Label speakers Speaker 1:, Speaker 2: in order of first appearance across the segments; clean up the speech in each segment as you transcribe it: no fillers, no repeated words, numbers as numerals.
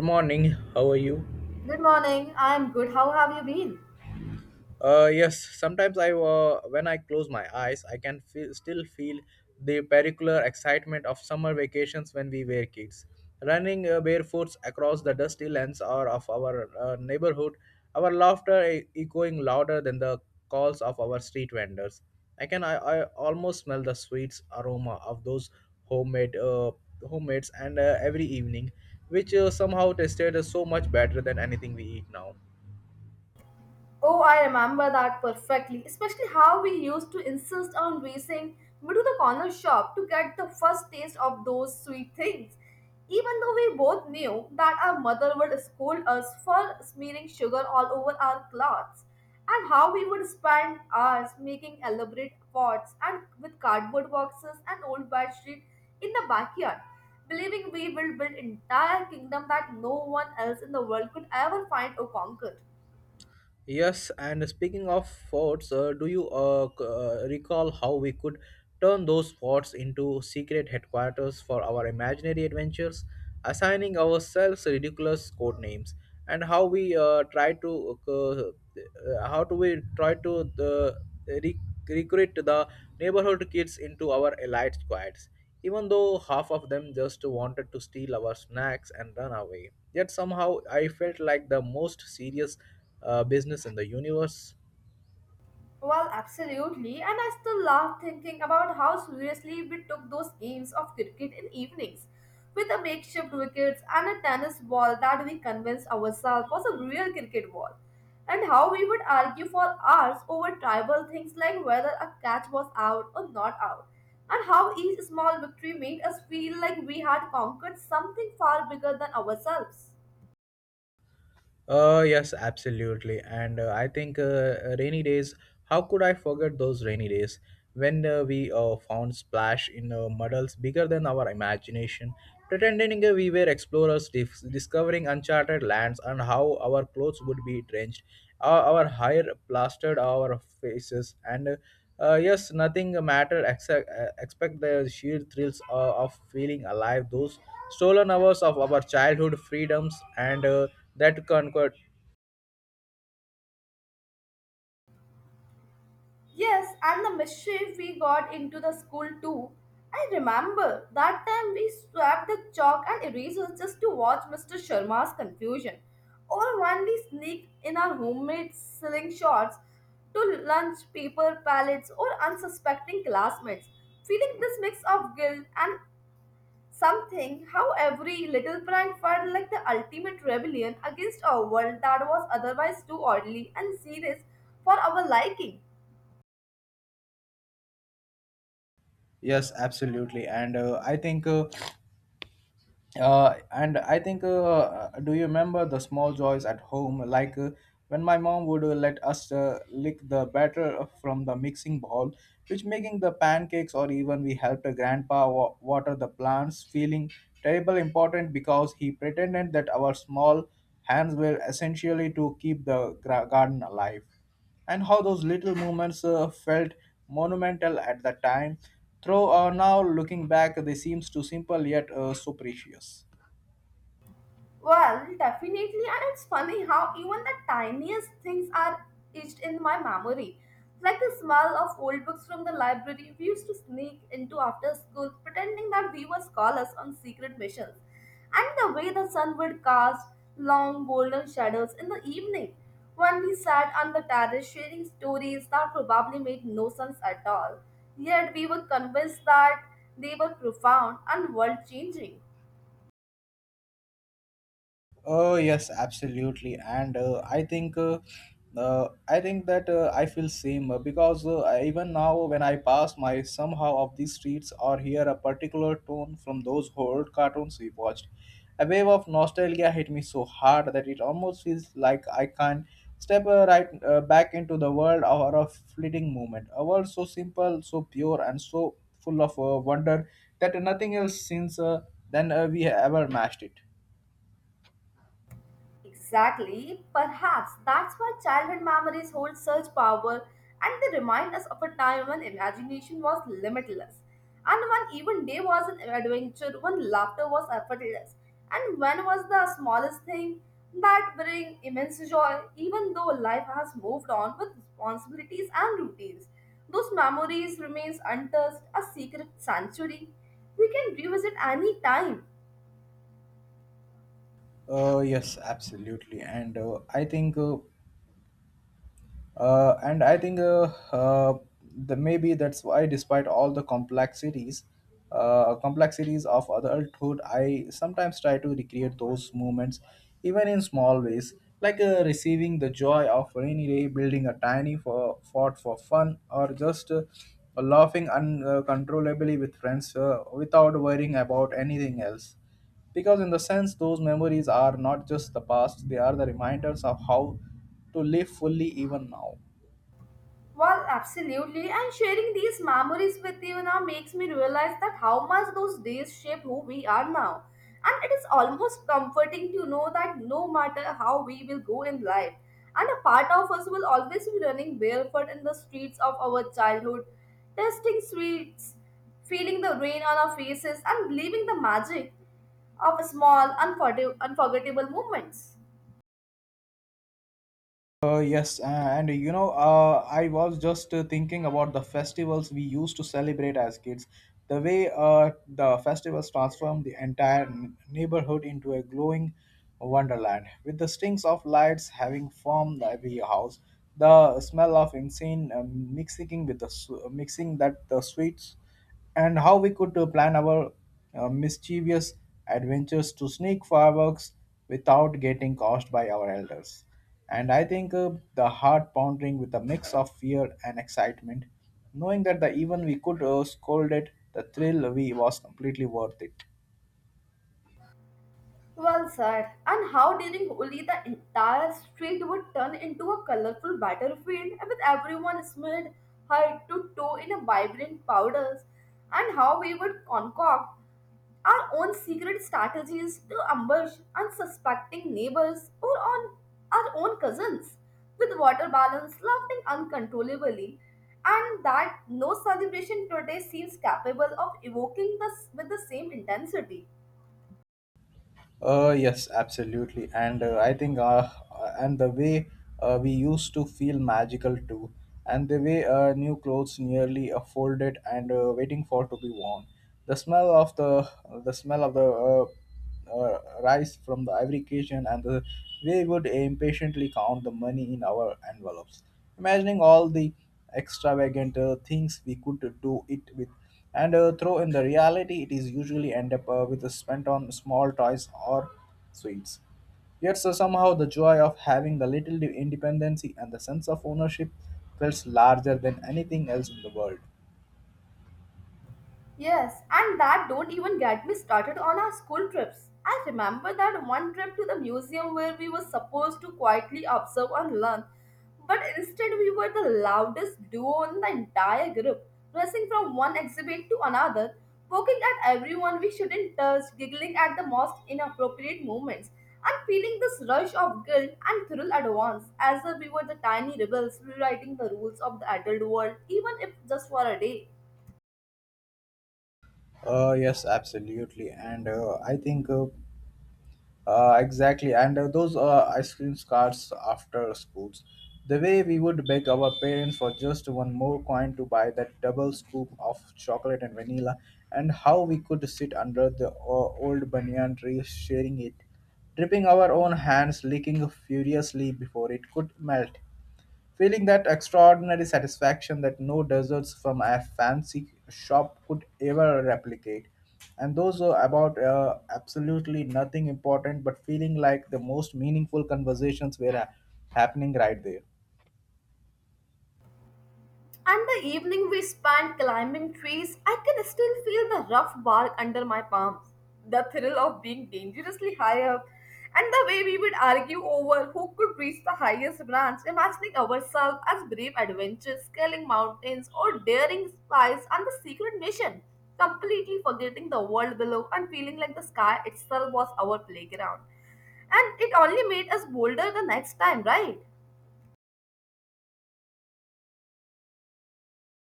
Speaker 1: Good morning. How are you?
Speaker 2: Good morning. I'm good. How have you been?
Speaker 1: Yes. Sometimes when I close my eyes, I can still feel the pericular excitement of summer vacations when we were kids. Running barefoot across the dusty lands or of our neighborhood, our laughter echoing louder than the calls of our street vendors. I almost smell the sweet aroma of those homemade homemates and every evening, which somehow tasted so much better than anything we eat now.
Speaker 2: Oh, I remember that perfectly, especially how we used to insist on racing me to the corner shop to get the first taste of those sweet things. Even though we both knew that our mother would scold us for smearing sugar all over our clothes, and how we would spend hours making elaborate pots and with cardboard boxes and old bedsheet in the backyard, believing we will build entire kingdom that no one else in the world could ever find or conquer.
Speaker 1: Yes, and speaking of forts, do you recall how we could turn those forts into secret headquarters for our imaginary adventures, assigning ourselves ridiculous code names, and how do we try to re- recruit the neighborhood kids into our elite squads, even though half of them just wanted to steal our snacks and run away. Yet somehow I felt like the most serious business in the universe.
Speaker 2: Well, absolutely, and I still laugh thinking about how seriously we took those games of cricket in evenings with a makeshift wickets and a tennis ball that we convinced ourselves was a real cricket ball, and how we would argue for hours over tribal things like whether a catch was out or not out, and how each small victory made us feel like we had conquered something far bigger than ourselves.
Speaker 1: Yes, absolutely. And I think rainy days, how could I forget those rainy days when we found splash in muddles bigger than our imagination, pretending we were explorers discovering uncharted lands, and how our clothes would be drenched, our hair plastered our faces, and yes, nothing mattered except except the sheer thrills of feeling alive. Those stolen hours of our childhood freedoms and that conquered.
Speaker 2: Yes, and the mischief we got into the school too. I remember that time we swapped the chalk and erasers just to watch Mr. Sharma's confusion. Or when we sneaked in our homemade slingshots to lunch paper pallets or unsuspecting classmates, feeling this mix of guilt and something how every little prank felt like the ultimate rebellion against a world that was otherwise too orderly and serious for our liking.
Speaker 1: Yes, absolutely. And I think do you remember the small joys at home? Like when my mom would let us lick the batter from the mixing bowl, which making the pancakes, or even we helped grandpa water the plants, feeling terrible important because he pretended that our small hands were essentially to keep the garden alive, and how those little moments felt monumental at the time. Though now looking back, they seems too simple yet so precious.
Speaker 2: Well, definitely, and it's funny how even the tiniest things are etched in my memory. Like the smell of old books from the library we used to sneak into after school, pretending that we were scholars on secret missions. And the way the sun would cast long golden shadows in the evening when we sat on the terrace sharing stories that probably made no sense at all. Yet we were convinced that they were profound and world changing.
Speaker 1: Oh yes, absolutely, and I think that I feel same because even now, when I pass my somehow of these streets or hear a particular tone from those old cartoons we watched, a wave of nostalgia hit me so hard that it almost feels like I can step right back into the world or a fleeting moment, a world so simple, so pure, and so full of wonder that nothing else since then we ever matched it.
Speaker 2: Exactly. Perhaps that's why childhood memories hold such power and they remind us of a time when imagination was limitless and when even day was an adventure, when laughter was effortless, and when was the smallest thing that bring immense joy, even though life has moved on with responsibilities and routines. Those memories remains untouched, a secret sanctuary we can revisit any time.
Speaker 1: Yes, absolutely, and I think, uh, and I think, uh, uh, the maybe that's why, despite all the complexities of adulthood, I sometimes try to recreate those moments, even in small ways, like receiving the joy of rainy day, building a tiny fort for fun, or just laughing uncontrollably with friends without worrying about anything else, because in the sense, those memories are not just the past. They are the reminders of how to live fully even now.
Speaker 2: Well, absolutely. And sharing these memories with you now makes me realize that how much those days shaped who we are now. And it is almost comforting to know that no matter how we will go in life, and a part of us will always be running barefoot in the streets of our childhood, tasting sweets, feeling the rain on our faces, and believing the magic of small, unforgettable moments.
Speaker 1: Yes, and I was just thinking about the festivals we used to celebrate as kids. The festivals transformed the entire neighborhood into a glowing wonderland, with the strings of lights having formed every house, the smell of insane mixing with the mixing that the sweets, and how we could plan our mischievous adventures to sneak fireworks without getting caused by our elders. And I think the heart pounding with a mix of fear and excitement, knowing that the even we could scold it, the thrill we was completely worth it.
Speaker 2: Well said. And how during Holi the entire street would turn into a colorful battlefield with everyone smeared head to toe in a vibrant powders, and how we would concoct our own secret strategies to ambush unsuspecting neighbors or on our own cousins with water balloons, laughing uncontrollably, and that no celebration today seems capable of evoking this with the same intensity.
Speaker 1: Yes, absolutely. And I think, and the way we used to feel magical too, and the way new clothes nearly folded and waiting for to be worn. The smell of the the smell of the rice from the ivory kitchen, and the way we would impatiently count the money in our envelopes, imagining all the extravagant things we could do it with, and though in the reality it is usually end up with a spent on small toys or sweets, yet so somehow the joy of having the little independency and the sense of ownership feels larger than anything else in the world.
Speaker 2: Yes, and that don't even get me started on our school trips. I remember that one trip to the museum where we were supposed to quietly observe and learn, but instead we were the loudest duo in the entire group, racing from one exhibit to another, poking at everyone we shouldn't touch, giggling at the most inappropriate moments, and feeling this rush of guilt and thrill at once, as if we were the tiny rebels rewriting the rules of the adult world, even if just for a day.
Speaker 1: Yes, absolutely, and I think exactly, and those ice cream carts after schools. The way we would beg our parents for just one more coin to buy that double scoop of chocolate and vanilla, and how we could sit under the old banyan tree sharing it, dripping our own hands, licking furiously before it could melt, feeling that extraordinary satisfaction that no desserts from a fancy shop could ever replicate. And those are about absolutely nothing important, but feeling like the most meaningful conversations were happening right there.
Speaker 2: And the evening we spent climbing trees, I can still feel the rough bark under my palms, the thrill of being dangerously high up, and the way we would argue over who could reach the highest branch, imagining ourselves as brave adventurers scaling mountains or daring spies on the secret mission, completely forgetting the world below and feeling like the sky itself was our playground. And it only made us bolder the next time, right?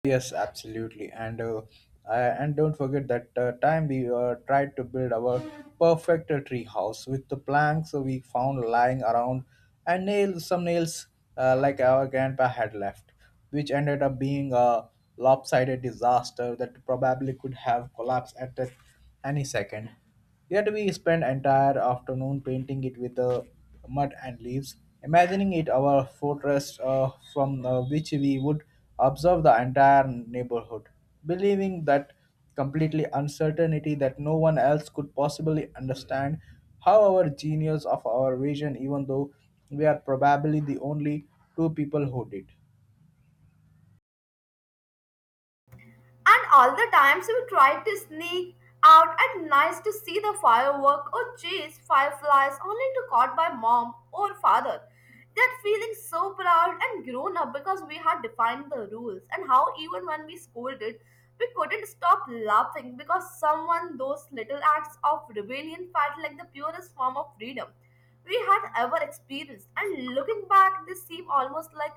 Speaker 1: Yes, absolutely, and don't forget that time we tried to build our perfect tree house with the planks so we found lying around and some nails like our grandpa had left, which ended up being a lopsided disaster that probably could have collapsed at any second. Yet we spend entire afternoon painting it with mud and leaves, imagining it our fortress from which we would observe the entire neighborhood, believing that completely uncertainty that no one else could possibly understand how our genius of our vision, even though we are probably the only two people who did.
Speaker 2: And all the times we tried to sneak out at nights to see the firework or chase fireflies only to caught by mom or father. That feeling so proud and grown up because we had defined the rules, and how even when we scolded, we couldn't stop laughing because someone those little acts of rebellion felt like the purest form of freedom we had ever experienced. And looking back, they seem almost like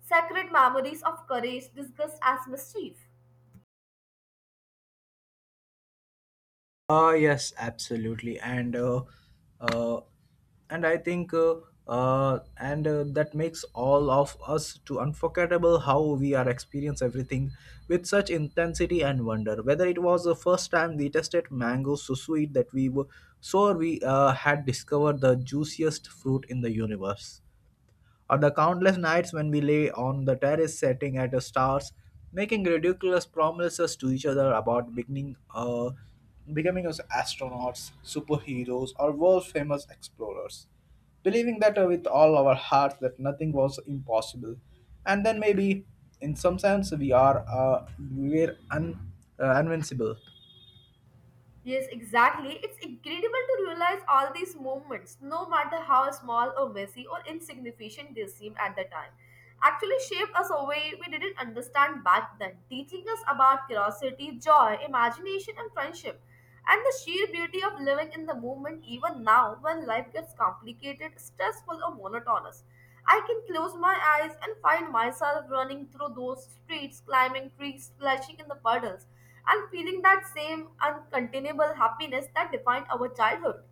Speaker 2: sacred memories of courage disguised as mischief.
Speaker 1: Yes, absolutely, uh, and I think and that makes all of us to unforgettable how we are experience everything with such intensity and wonder. Whether it was the first time we tasted mango so sweet that we were so we had discovered the juiciest fruit in the universe, or the countless nights when we lay on the terrace setting at the stars, making ridiculous promises to each other about becoming as astronauts, superheroes, or world famous explorers, believing that with all our hearts that nothing was impossible. And then maybe, in some sense, we are we we're un- invincible.
Speaker 2: Yes, exactly. It's incredible to realize all these movements, no matter how small or messy or insignificant they seem at the time, actually shaped us a way we didn't understand back then, teaching us about curiosity, joy, imagination, and friendship, and the sheer beauty of living in the moment even now when life gets complicated, stressful, or monotonous. I can close my eyes and find myself running through those streets, climbing trees, splashing in the puddles, and feeling that same uncontainable happiness that defined our childhood.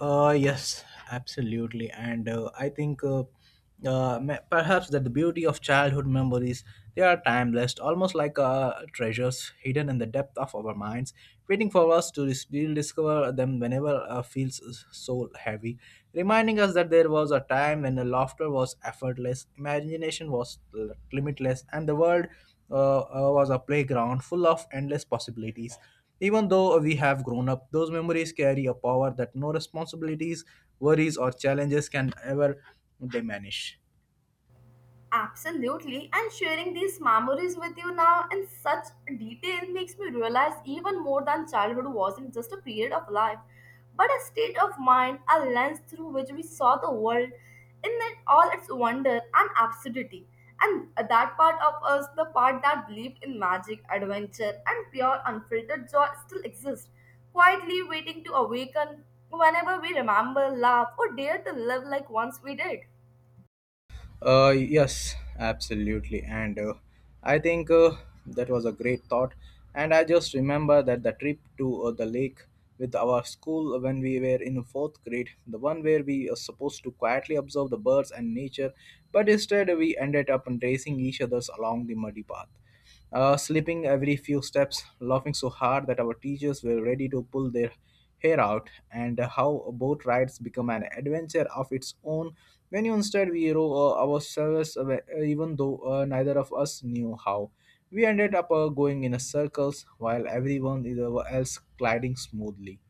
Speaker 1: Yes, absolutely. And I think perhaps that the beauty of childhood memories, they are timeless, almost like treasures hidden in the depth of our minds, waiting for us to rediscover them whenever feels so heavy, reminding us that there was a time when the laughter was effortless, imagination was limitless, and the world was a playground full of endless possibilities. Even though we have grown up, those memories carry a power that no responsibilities, worries, or challenges can ever diminish.
Speaker 2: Absolutely, and sharing these memories with you now in such detail makes me realize even more than childhood wasn't just a period of life, but a state of mind, a lens through which we saw the world in it, all its wonder and absurdity. And that part of us, the part that believed in magic, adventure, and pure unfiltered joy, still exists, quietly waiting to awaken whenever we remember, laugh, or dare to live like once we did.
Speaker 1: Yes, absolutely. And I think that was a great thought. And I just remember that the trip to the lake with our school when we were in fourth grade, the one where we are supposed to quietly observe the birds and nature, but instead we ended up racing each others along the muddy path, slipping every few steps, laughing so hard that our teachers were ready to pull their hair out, and how boat rides become an adventure of its own when you instead we row ourselves, even though neither of us knew how. We ended up going in a circles while everyone else gliding smoothly.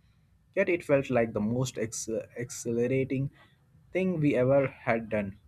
Speaker 1: Yet it felt like the most exhilarating thing we ever had done.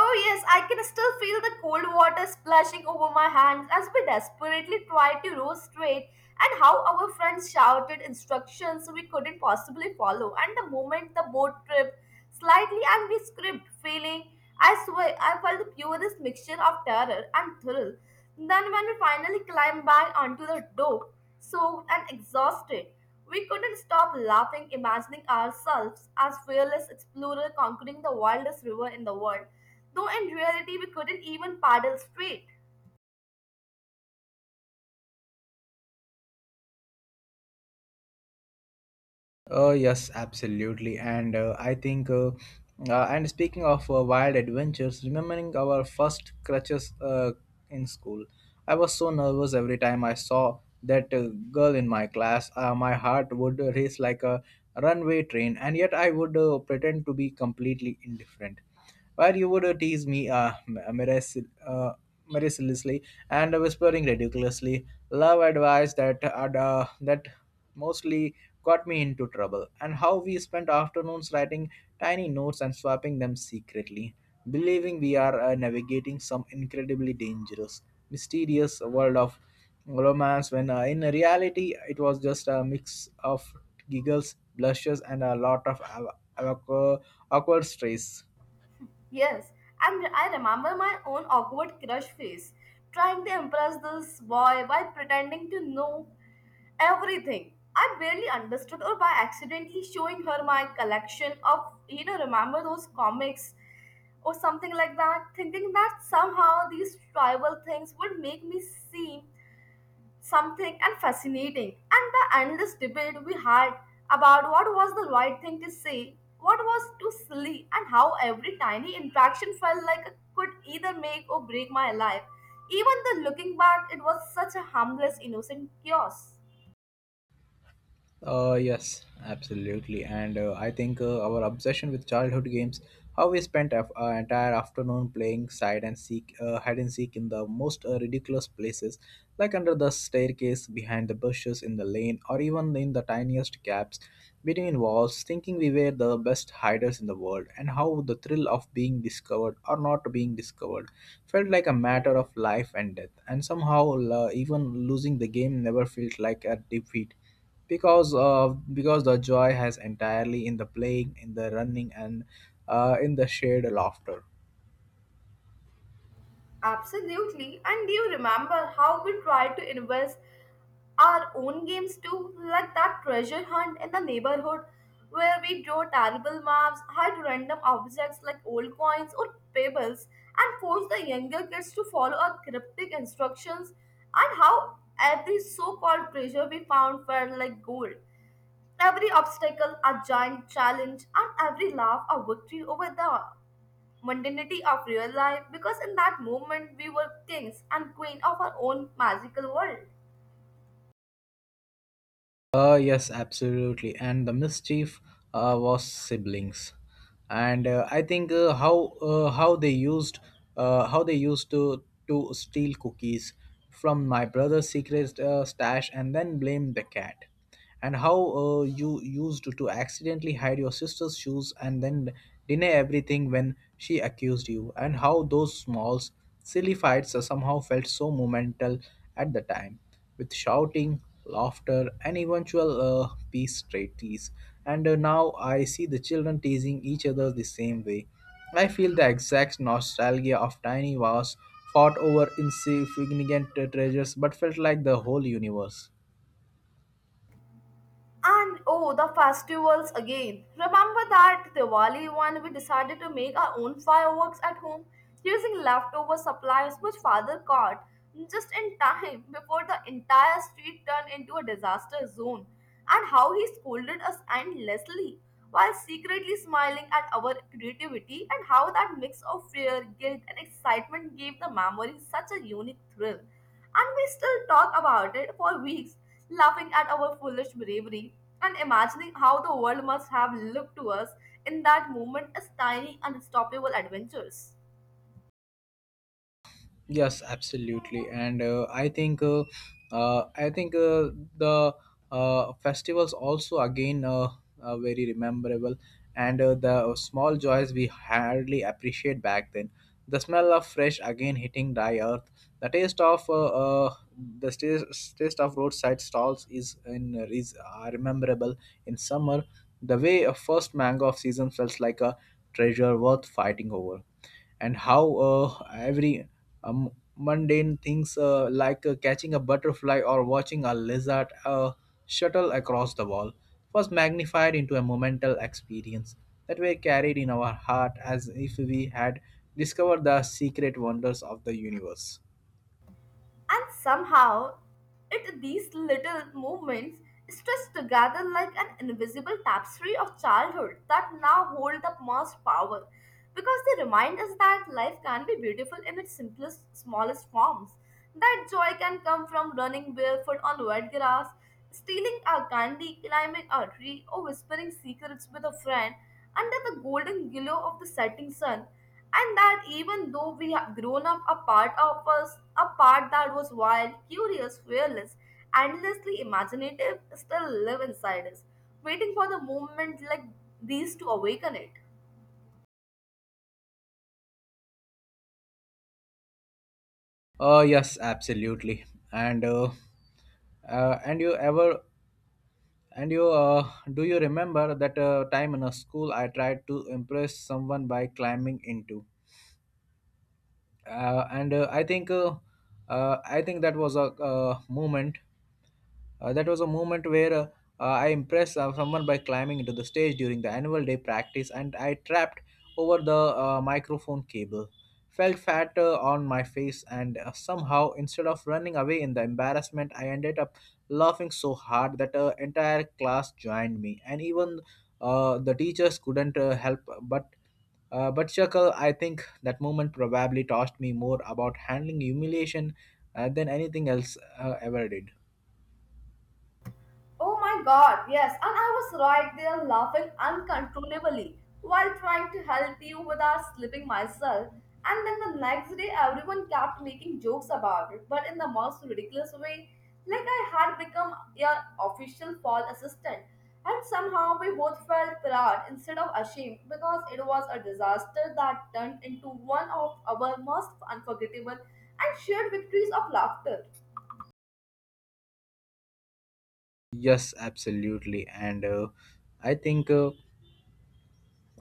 Speaker 2: Oh, yes, I can still feel the cold water splashing over my hands as we desperately tried to row straight, and how our friends shouted instructions we couldn't possibly follow. And the moment the boat tripped slightly and we scraped, feeling, I swear, I felt the purest mixture of terror and thrill. Then, when we finally climbed back onto the dock, soaked and exhausted, we couldn't stop laughing, imagining ourselves as fearless explorers conquering the wildest river in the world, though in reality we couldn't even paddle straight.
Speaker 1: Yes, absolutely. And and speaking of wild adventures, remembering our first crutches in school, I was so nervous every time I saw that girl in my class. My heart would race like a runway train, and yet I would pretend to be completely indifferent, where you would tease me mercilessly, and whispering ridiculously love advice that mostly got me into trouble, and how we spent afternoons writing tiny notes and swapping them secretly, believing we are navigating some incredibly dangerous, mysterious world of romance when in reality it was just a mix of giggles, blushes, and a lot of awkward strays.
Speaker 2: Yes, and I remember my own awkward crush face, trying to impress this boy while pretending to know everything. I barely understood, or by accidentally showing her my collection of, you know, remember those comics or something like that, thinking that somehow these tribal things would make me seem something and fascinating. And the endless debate we had about what was the right thing to say, what was too silly, and how every tiny interaction felt like it could either make or break my life. Even the looking back, it was such a harmless, innocent chaos.
Speaker 1: Yes, absolutely. And I think our obsession with childhood games, how we spent our entire afternoon playing hide and seek in the most ridiculous places, like under the staircase, behind the bushes, in the lane, or even in the tiniest gaps between walls, thinking we were the best hiders in the world, and how the thrill of being discovered or not being discovered felt like a matter of life and death. And somehow, even losing the game never felt like a defeat because the joy has entirely in the playing in the running and in the shared laughter.
Speaker 2: Absolutely. And do you remember how we tried to invest our own games too? Like that treasure hunt in the neighborhood where we drew terrible maps, hide random objects like old coins or pebbles, and force the younger kids to follow our cryptic instructions, and how every so called treasure we found felt like gold. Every obstacle a giant challenge, and every laugh a victory over the mundanity of real life, because in that moment we were kings and queen of our own magical world.
Speaker 1: Yes, absolutely, and the mischief was siblings. And I think how uh, how they used how they used to steal cookies from my brother's secret stash and then blame the cat. And how, you used to accidentally hide your sister's shoes and then deny everything when she accused you, and how those small, silly fights somehow felt so momental at the time, with shouting, laughter, and eventual peace treaties. And now I see the children teasing each other the same way. I feel the exact nostalgia of tiny wars fought over insignificant treasures, but felt like the whole universe.
Speaker 2: And oh, the festivals again. Remember that Diwali one we decided to make our own fireworks at home using leftover supplies, which father caught just in time before the entire street turned into a disaster zone. And how he scolded us endlessly while secretly smiling at our creativity, and how that mix of fear, guilt and excitement gave the memory such a unique thrill. And we still talk about it for weeks, laughing at our foolish bravery and imagining how the world must have looked to us in that moment as tiny, unstoppable adventures.
Speaker 1: Yes, absolutely, and I think the festivals also again, very rememberable, and the small joys we hardly appreciate back then. The smell of fresh again hitting dry earth, the taste of uh, the taste of roadside stalls is in is are memorable in summer. The way a first mango of season felt like a treasure worth fighting over, and how every mundane things like catching a butterfly or watching a lizard shuttle across the wall was magnified into a momental experience that were carried in our heart as if we had discovered the secret wonders of the universe.
Speaker 2: And somehow, it these little movements stretch together like an invisible tapestry of childhood that now hold the most power, because they remind us that life can be beautiful in its simplest, smallest forms. That joy can come from running barefoot on wet grass, stealing a candy, climbing a tree, or whispering secrets with a friend under the golden glow of the setting sun, and that even though we have grown up, a part of us, a part that was wild, curious, fearless, endlessly imaginative, still live inside us, waiting for the moment like these to awaken it.
Speaker 1: Yes, absolutely. And uh, and you ever and you do you remember that time in a school I tried to impress someone by climbing into and I think that was a, moment that was a moment where I impressed someone by climbing into the stage during the annual day practice, and I trapped over the microphone cable. Felt fat on my face, and somehow, instead of running away in the embarrassment, I ended up laughing so hard that entire class joined me, and even the teachers couldn't help but but chuckle. I think that moment probably taught me more about handling humiliation than anything else ever did.
Speaker 2: Oh my god, yes, and I was right there laughing uncontrollably while trying to help you without slipping myself. And then the next day, everyone kept making jokes about it, but in the most ridiculous way. Like I had become your official fall assistant, and somehow we both felt proud instead of ashamed because it was a disaster that turned into one of our most unforgettable and shared victories of laughter.
Speaker 1: Yes, absolutely. And I think uh,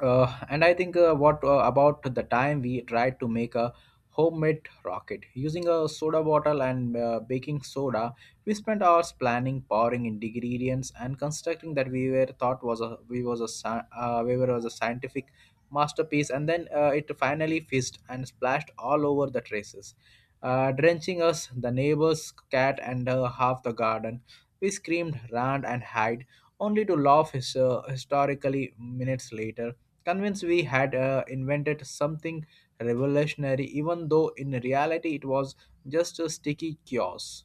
Speaker 1: I think what about the time we tried to make a homemade rocket using a soda bottle and baking soda. We spent hours planning, pouring in ingredients, and constructing that we were thought was a we was a sci- we were was a scientific masterpiece. And then it finally fizzed and splashed all over the traces, drenching us, the neighbor's cat, and half the garden. We screamed, ran, and hid, only to laugh his, historically minutes later, convinced we had invented something revolutionary, even though in reality it was just a sticky chaos.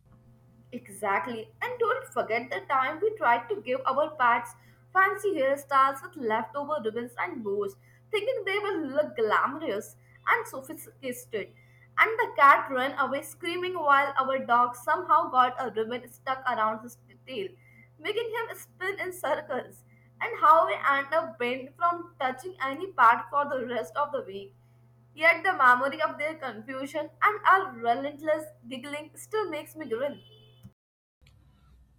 Speaker 2: Exactly. And don't forget the time we tried to give our pets fancy hairstyles with leftover ribbons and bows, thinking they will look glamorous and sophisticated. And the cat ran away screaming while our dog somehow got a ribbon stuck around his tail, making him spin in circles. And how we end up banned from touching any part for the rest of the week. Yet the memory of their confusion and our relentless giggling still makes me grin.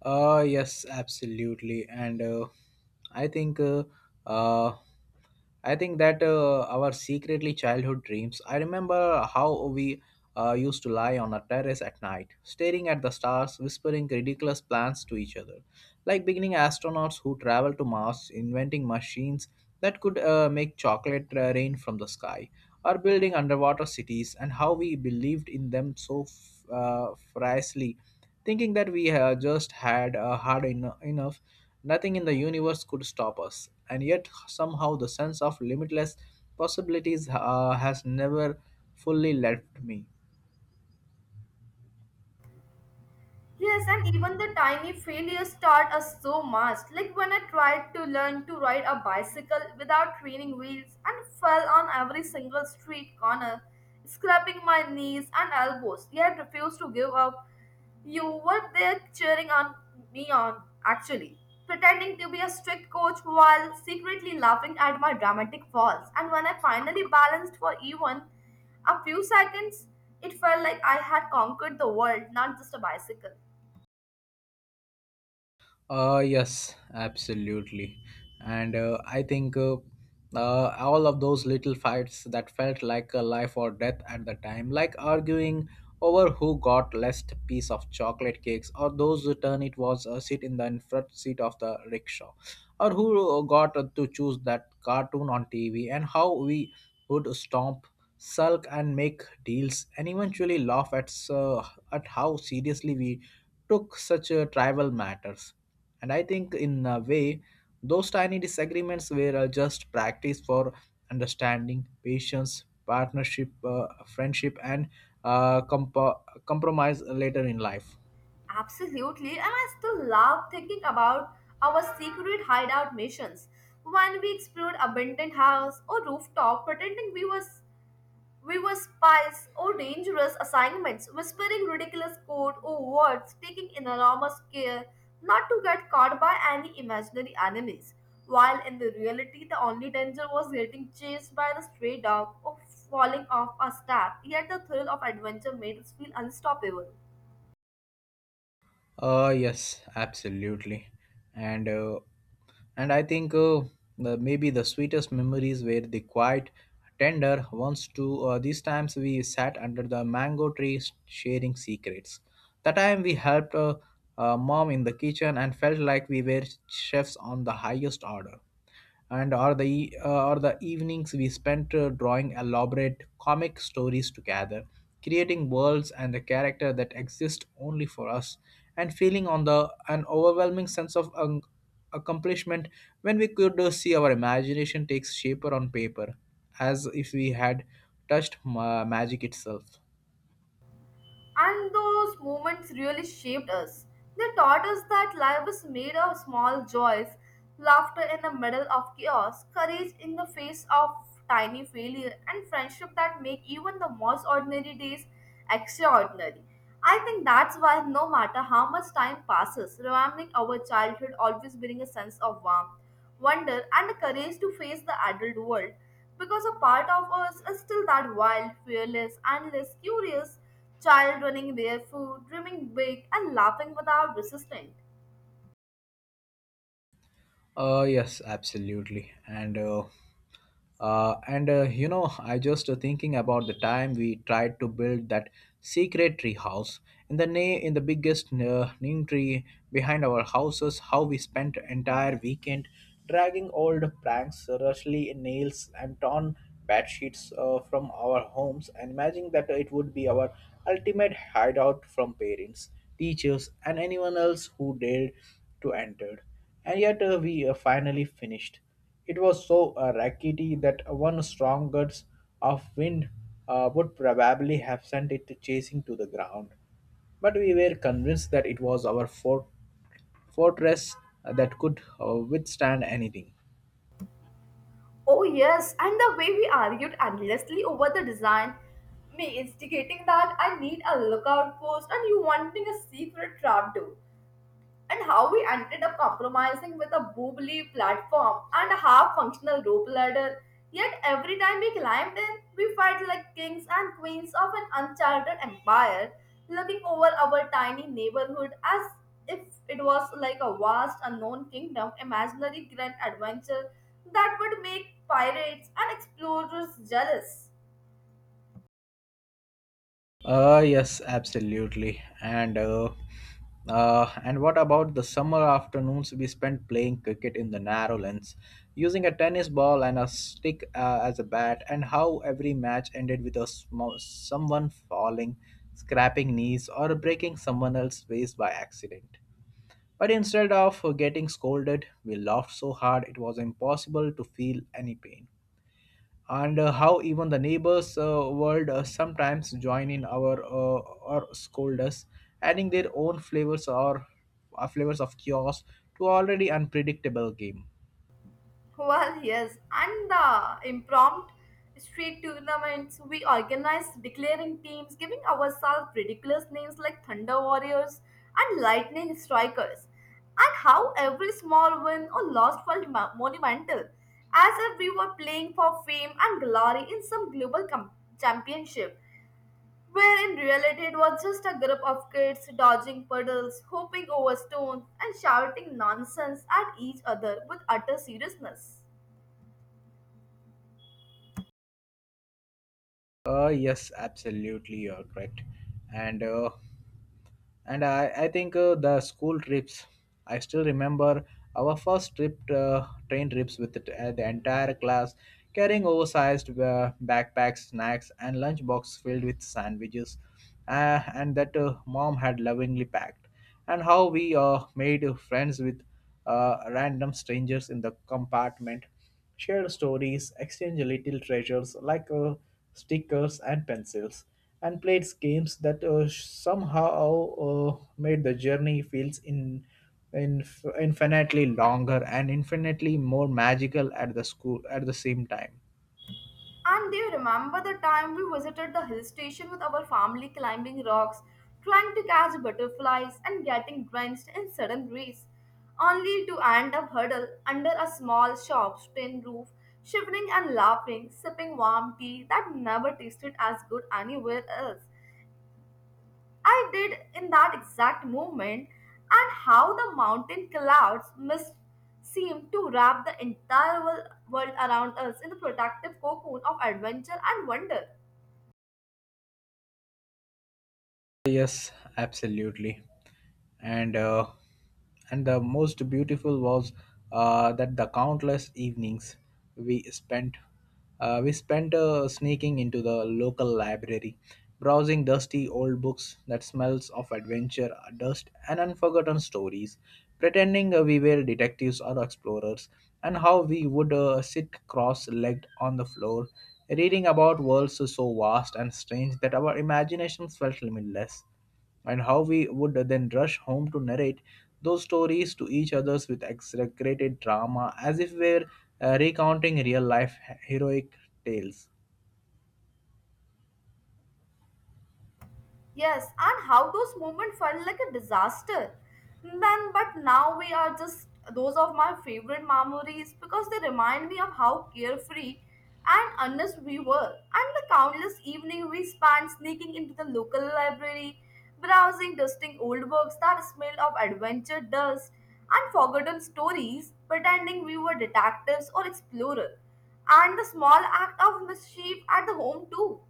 Speaker 1: Yes, absolutely, and I think uh, uh, I think that our secretly childhood dreams. I remember how we used to lie on a terrace at night, staring at the stars, whispering ridiculous plans to each other, like beginning astronauts who travel to Mars, inventing machines that could make chocolate rain from the sky, or building underwater cities, and how we believed in them so fiercely, thinking that we had just had hard enough. Nothing in the universe could stop us, and yet somehow the sense of limitless possibilities has never fully left me.
Speaker 2: Yes, and even the tiny failures start us so much. Like when I tried to learn to ride a bicycle without training wheels and fell on every single street corner, scraping my knees and elbows, yet refused to give up. You were there cheering on me on, actually, pretending to be a strict coach while secretly laughing at my dramatic falls. And when I finally balanced for even a few seconds, it felt like I had conquered the world, not just a bicycle.
Speaker 1: Yes, absolutely. And I think all of those little fights that felt like a life or death at the time, like arguing over who got less piece of chocolate cakes, or those who turn it was a seat in the front seat of the rickshaw, or who got to choose that cartoon on TV, and how we would stomp, sulk, and make deals, and eventually laugh at at how seriously we took such tribal matters. And I think, in a way, those tiny disagreements were just practice for understanding, patience, partnership, friendship, and compromise later in life.
Speaker 2: Absolutely, and I still love thinking about our secret hideout missions when we explored abandoned house or rooftop, pretending we were spies or dangerous assignments, whispering ridiculous code or words, taking enormous care not to get caught by any imaginary enemies. While in the reality, the only danger was getting chased by the stray dog or falling off a step. Yet the thrill of adventure made us feel unstoppable.
Speaker 1: Yes, absolutely. And I think the, maybe the sweetest memories were the quiet, tender ones too. These times we sat under the mango tree sharing secrets. The time we helped mom in the kitchen and felt like we were chefs on the highest order, and or the or the evenings we spent drawing elaborate comic stories together, creating worlds and the character that exist only for us, and feeling on the an overwhelming sense of accomplishment when we could see our imagination takes shape on paper as if we had touched magic itself.
Speaker 2: And those moments really shaped us. They taught us that life is made of small joys, laughter in the middle of chaos, courage in the face of tiny failure, and friendship that make even the most ordinary days extraordinary. I think that's why no matter how much time passes, remembering our childhood always brings a sense of warmth, wonder, and the courage to face the adult world. Because a part of us is still that wild, fearless, and less curious child running barefoot, dreaming big, and laughing without resistance.
Speaker 1: Yes, absolutely, and you know, I just thinking about the time we tried to build that secret tree house in the in the biggest neem tree behind our houses. How we spent entire weekend dragging old pranks, rushly nails, and torn bed sheets from our homes, and imagining that it would be our ultimate hideout from parents, teachers, and anyone else who dared to enter. And yet we finally finished It was so rackety that one strong gust of wind would probably have sent it chasing to the ground. But we were convinced that it was our fortress that could withstand anything.
Speaker 2: Oh, yes, and the way we argued endlessly over the design, me instigating that I need a lookout post and you wanting a secret trap door. And how we ended up compromising with a boobly platform and a half functional rope ladder. Yet every time we climbed in, we felt like kings and queens of an uncharted empire, looking over our tiny neighborhood as if it was like a vast unknown kingdom, imaginary grand adventure that would make pirates and explorers jealous.
Speaker 1: Yes, absolutely. And what about the summer afternoons we spent playing cricket in the narrow lens, using a tennis ball and a stick as a bat, and how every match ended with a small, someone falling, scrapping knees, or breaking someone else's face by accident. But instead of getting scolded, we laughed so hard it was impossible to feel any pain. And how even the neighbors world sometimes join in our or scold us, adding their own flavors or flavors of chaos to already unpredictable game.
Speaker 2: Well, yes, and the impromptu street tournaments we organized, declaring teams, giving ourselves ridiculous names like Thunder Warriors and Lightning Strikers, and how every small win or loss felt monumental, as if we were playing for fame and glory in some global championship, where in reality it was just a group of kids dodging puddles, hopping over stones, and shouting nonsense at each other with utter seriousness.
Speaker 1: Yes, absolutely, you're correct. And I think the school trips. I still remember our first trip, train trips with the entire class, carrying oversized backpacks, snacks, and lunchbox filled with sandwiches, and that mom had lovingly packed. And how we made friends with random strangers in the compartment, share stories, exchange little treasures like stickers and pencils, and played games that somehow made the journey feels in infinitely longer and infinitely more magical at the school at the same time.
Speaker 2: And they remember the time we visited the hill station with our family climbing rocks, trying to catch butterflies, and getting drenched in sudden breeze, only to end up huddled under a small shop's tin roof, shivering and laughing, sipping warm tea that never tasted as good anywhere else. I did in that exact moment, and how the mountain clouds mist seemed to wrap the entire world around us in the protective cocoon of adventure and wonder.
Speaker 1: Yes, absolutely. And and the most beautiful was that the countless evenings we spent we spent sneaking into the local library, browsing dusty old books that smells of adventure, dust, and unforgotten stories, pretending we were detectives or explorers, and how we would sit cross-legged on the floor reading about worlds so vast and strange that our imaginations felt limitless, and how we would then rush home to narrate those stories to each other with exaggerated drama as if we were recounting real life heroic tales.
Speaker 2: Yes, and how those moments felt like a disaster. Then, but now we are just those of my favorite memories because they remind me of how carefree and honest we were, and the countless evening we spent sneaking into the local library, browsing, dusting old books that smelled of adventure dust and forgotten stories, pretending we were detectives or explorers, and the small act of mischief at the home too.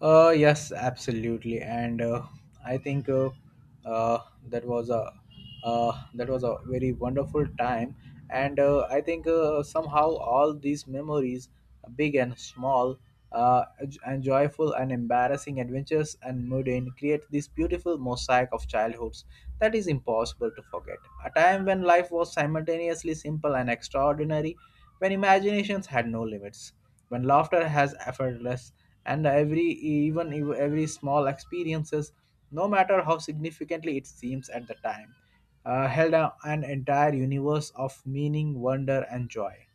Speaker 1: Yes, absolutely, and I think uh, that was a that was a very wonderful time, and I think somehow all these memories, big and small, and joyful and embarrassing adventures and mundane, create this beautiful mosaic of childhoods that is impossible to forget. A time when life was simultaneously simple and extraordinary, when imaginations had no limits, when laughter has effortless, and every every small experiences, no matter how significantly it seems at the time, held an entire universe of meaning, wonder, and joy.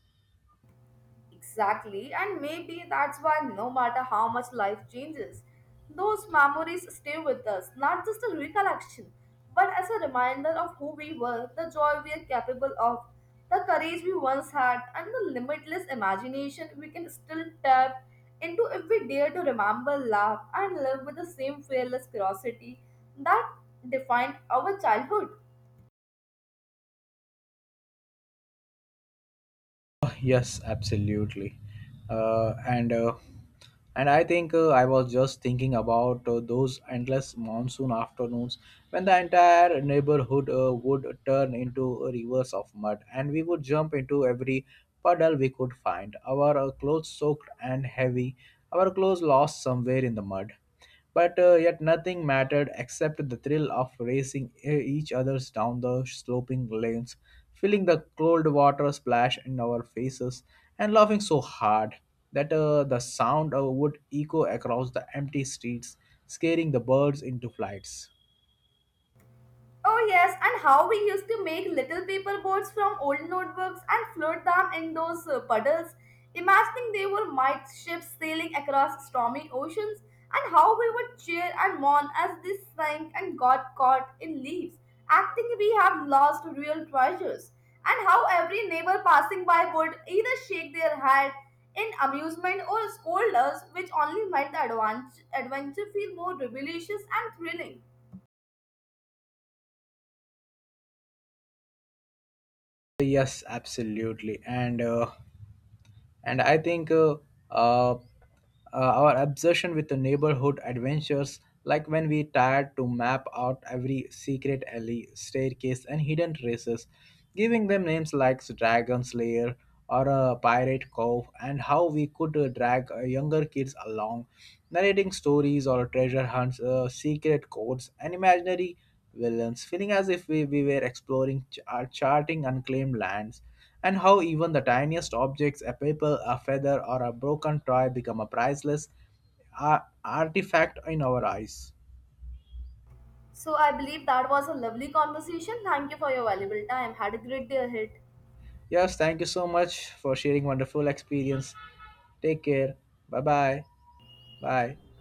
Speaker 2: Exactly, and maybe that's why no matter how much life changes, those memories stay with us, not just a recollection, but as a reminder of who we were, the joy we are capable of, the courage we once had, and the limitless imagination we can still tap into if we dare to remember, laugh, and live with the same fearless curiosity that defined our childhood.
Speaker 1: Oh, yes, absolutely. Uh, and uh, and I think I was just thinking about those endless monsoon afternoons when the entire neighborhood would turn into rivers of mud, and we would jump into every puddle we could find. Our clothes soaked and heavy, our clothes lost somewhere in the mud. But yet nothing mattered except the thrill of racing each other's down the sloping lanes, feeling the cold water splash in our faces, and laughing so hard that the sound would echo across the empty streets, scaring the birds into flights.
Speaker 2: Oh yes, and how we used to make little paper boats from old notebooks and float them in those puddles, imagining they were might ships sailing across stormy oceans, and how we would cheer and mourn as they sank and got caught in leaves, acting we have lost real treasures, and how every neighbor passing by would either shake their head in amusement or scold us, which only made the adventure feel more rebellious and thrilling.
Speaker 1: Yes, absolutely. And I think uh, uh, our obsession with the neighborhood adventures, like when we tried to map out every secret alley staircase and hidden traces, giving them names like dragon's lair or a pirate cove, and how we could drag younger kids along, narrating stories or treasure hunts, secret codes and imaginary Williams, feeling as if we were exploring charting unclaimed lands, and how even the tiniest objects, a paper, a feather, or a broken toy, become a priceless artifact in our eyes.
Speaker 2: So I believe that was a lovely conversation. Thank you for your valuable time. Had a great day ahead.
Speaker 1: Yes, thank you so much for sharing wonderful experience. Take care. Bye bye. Bye.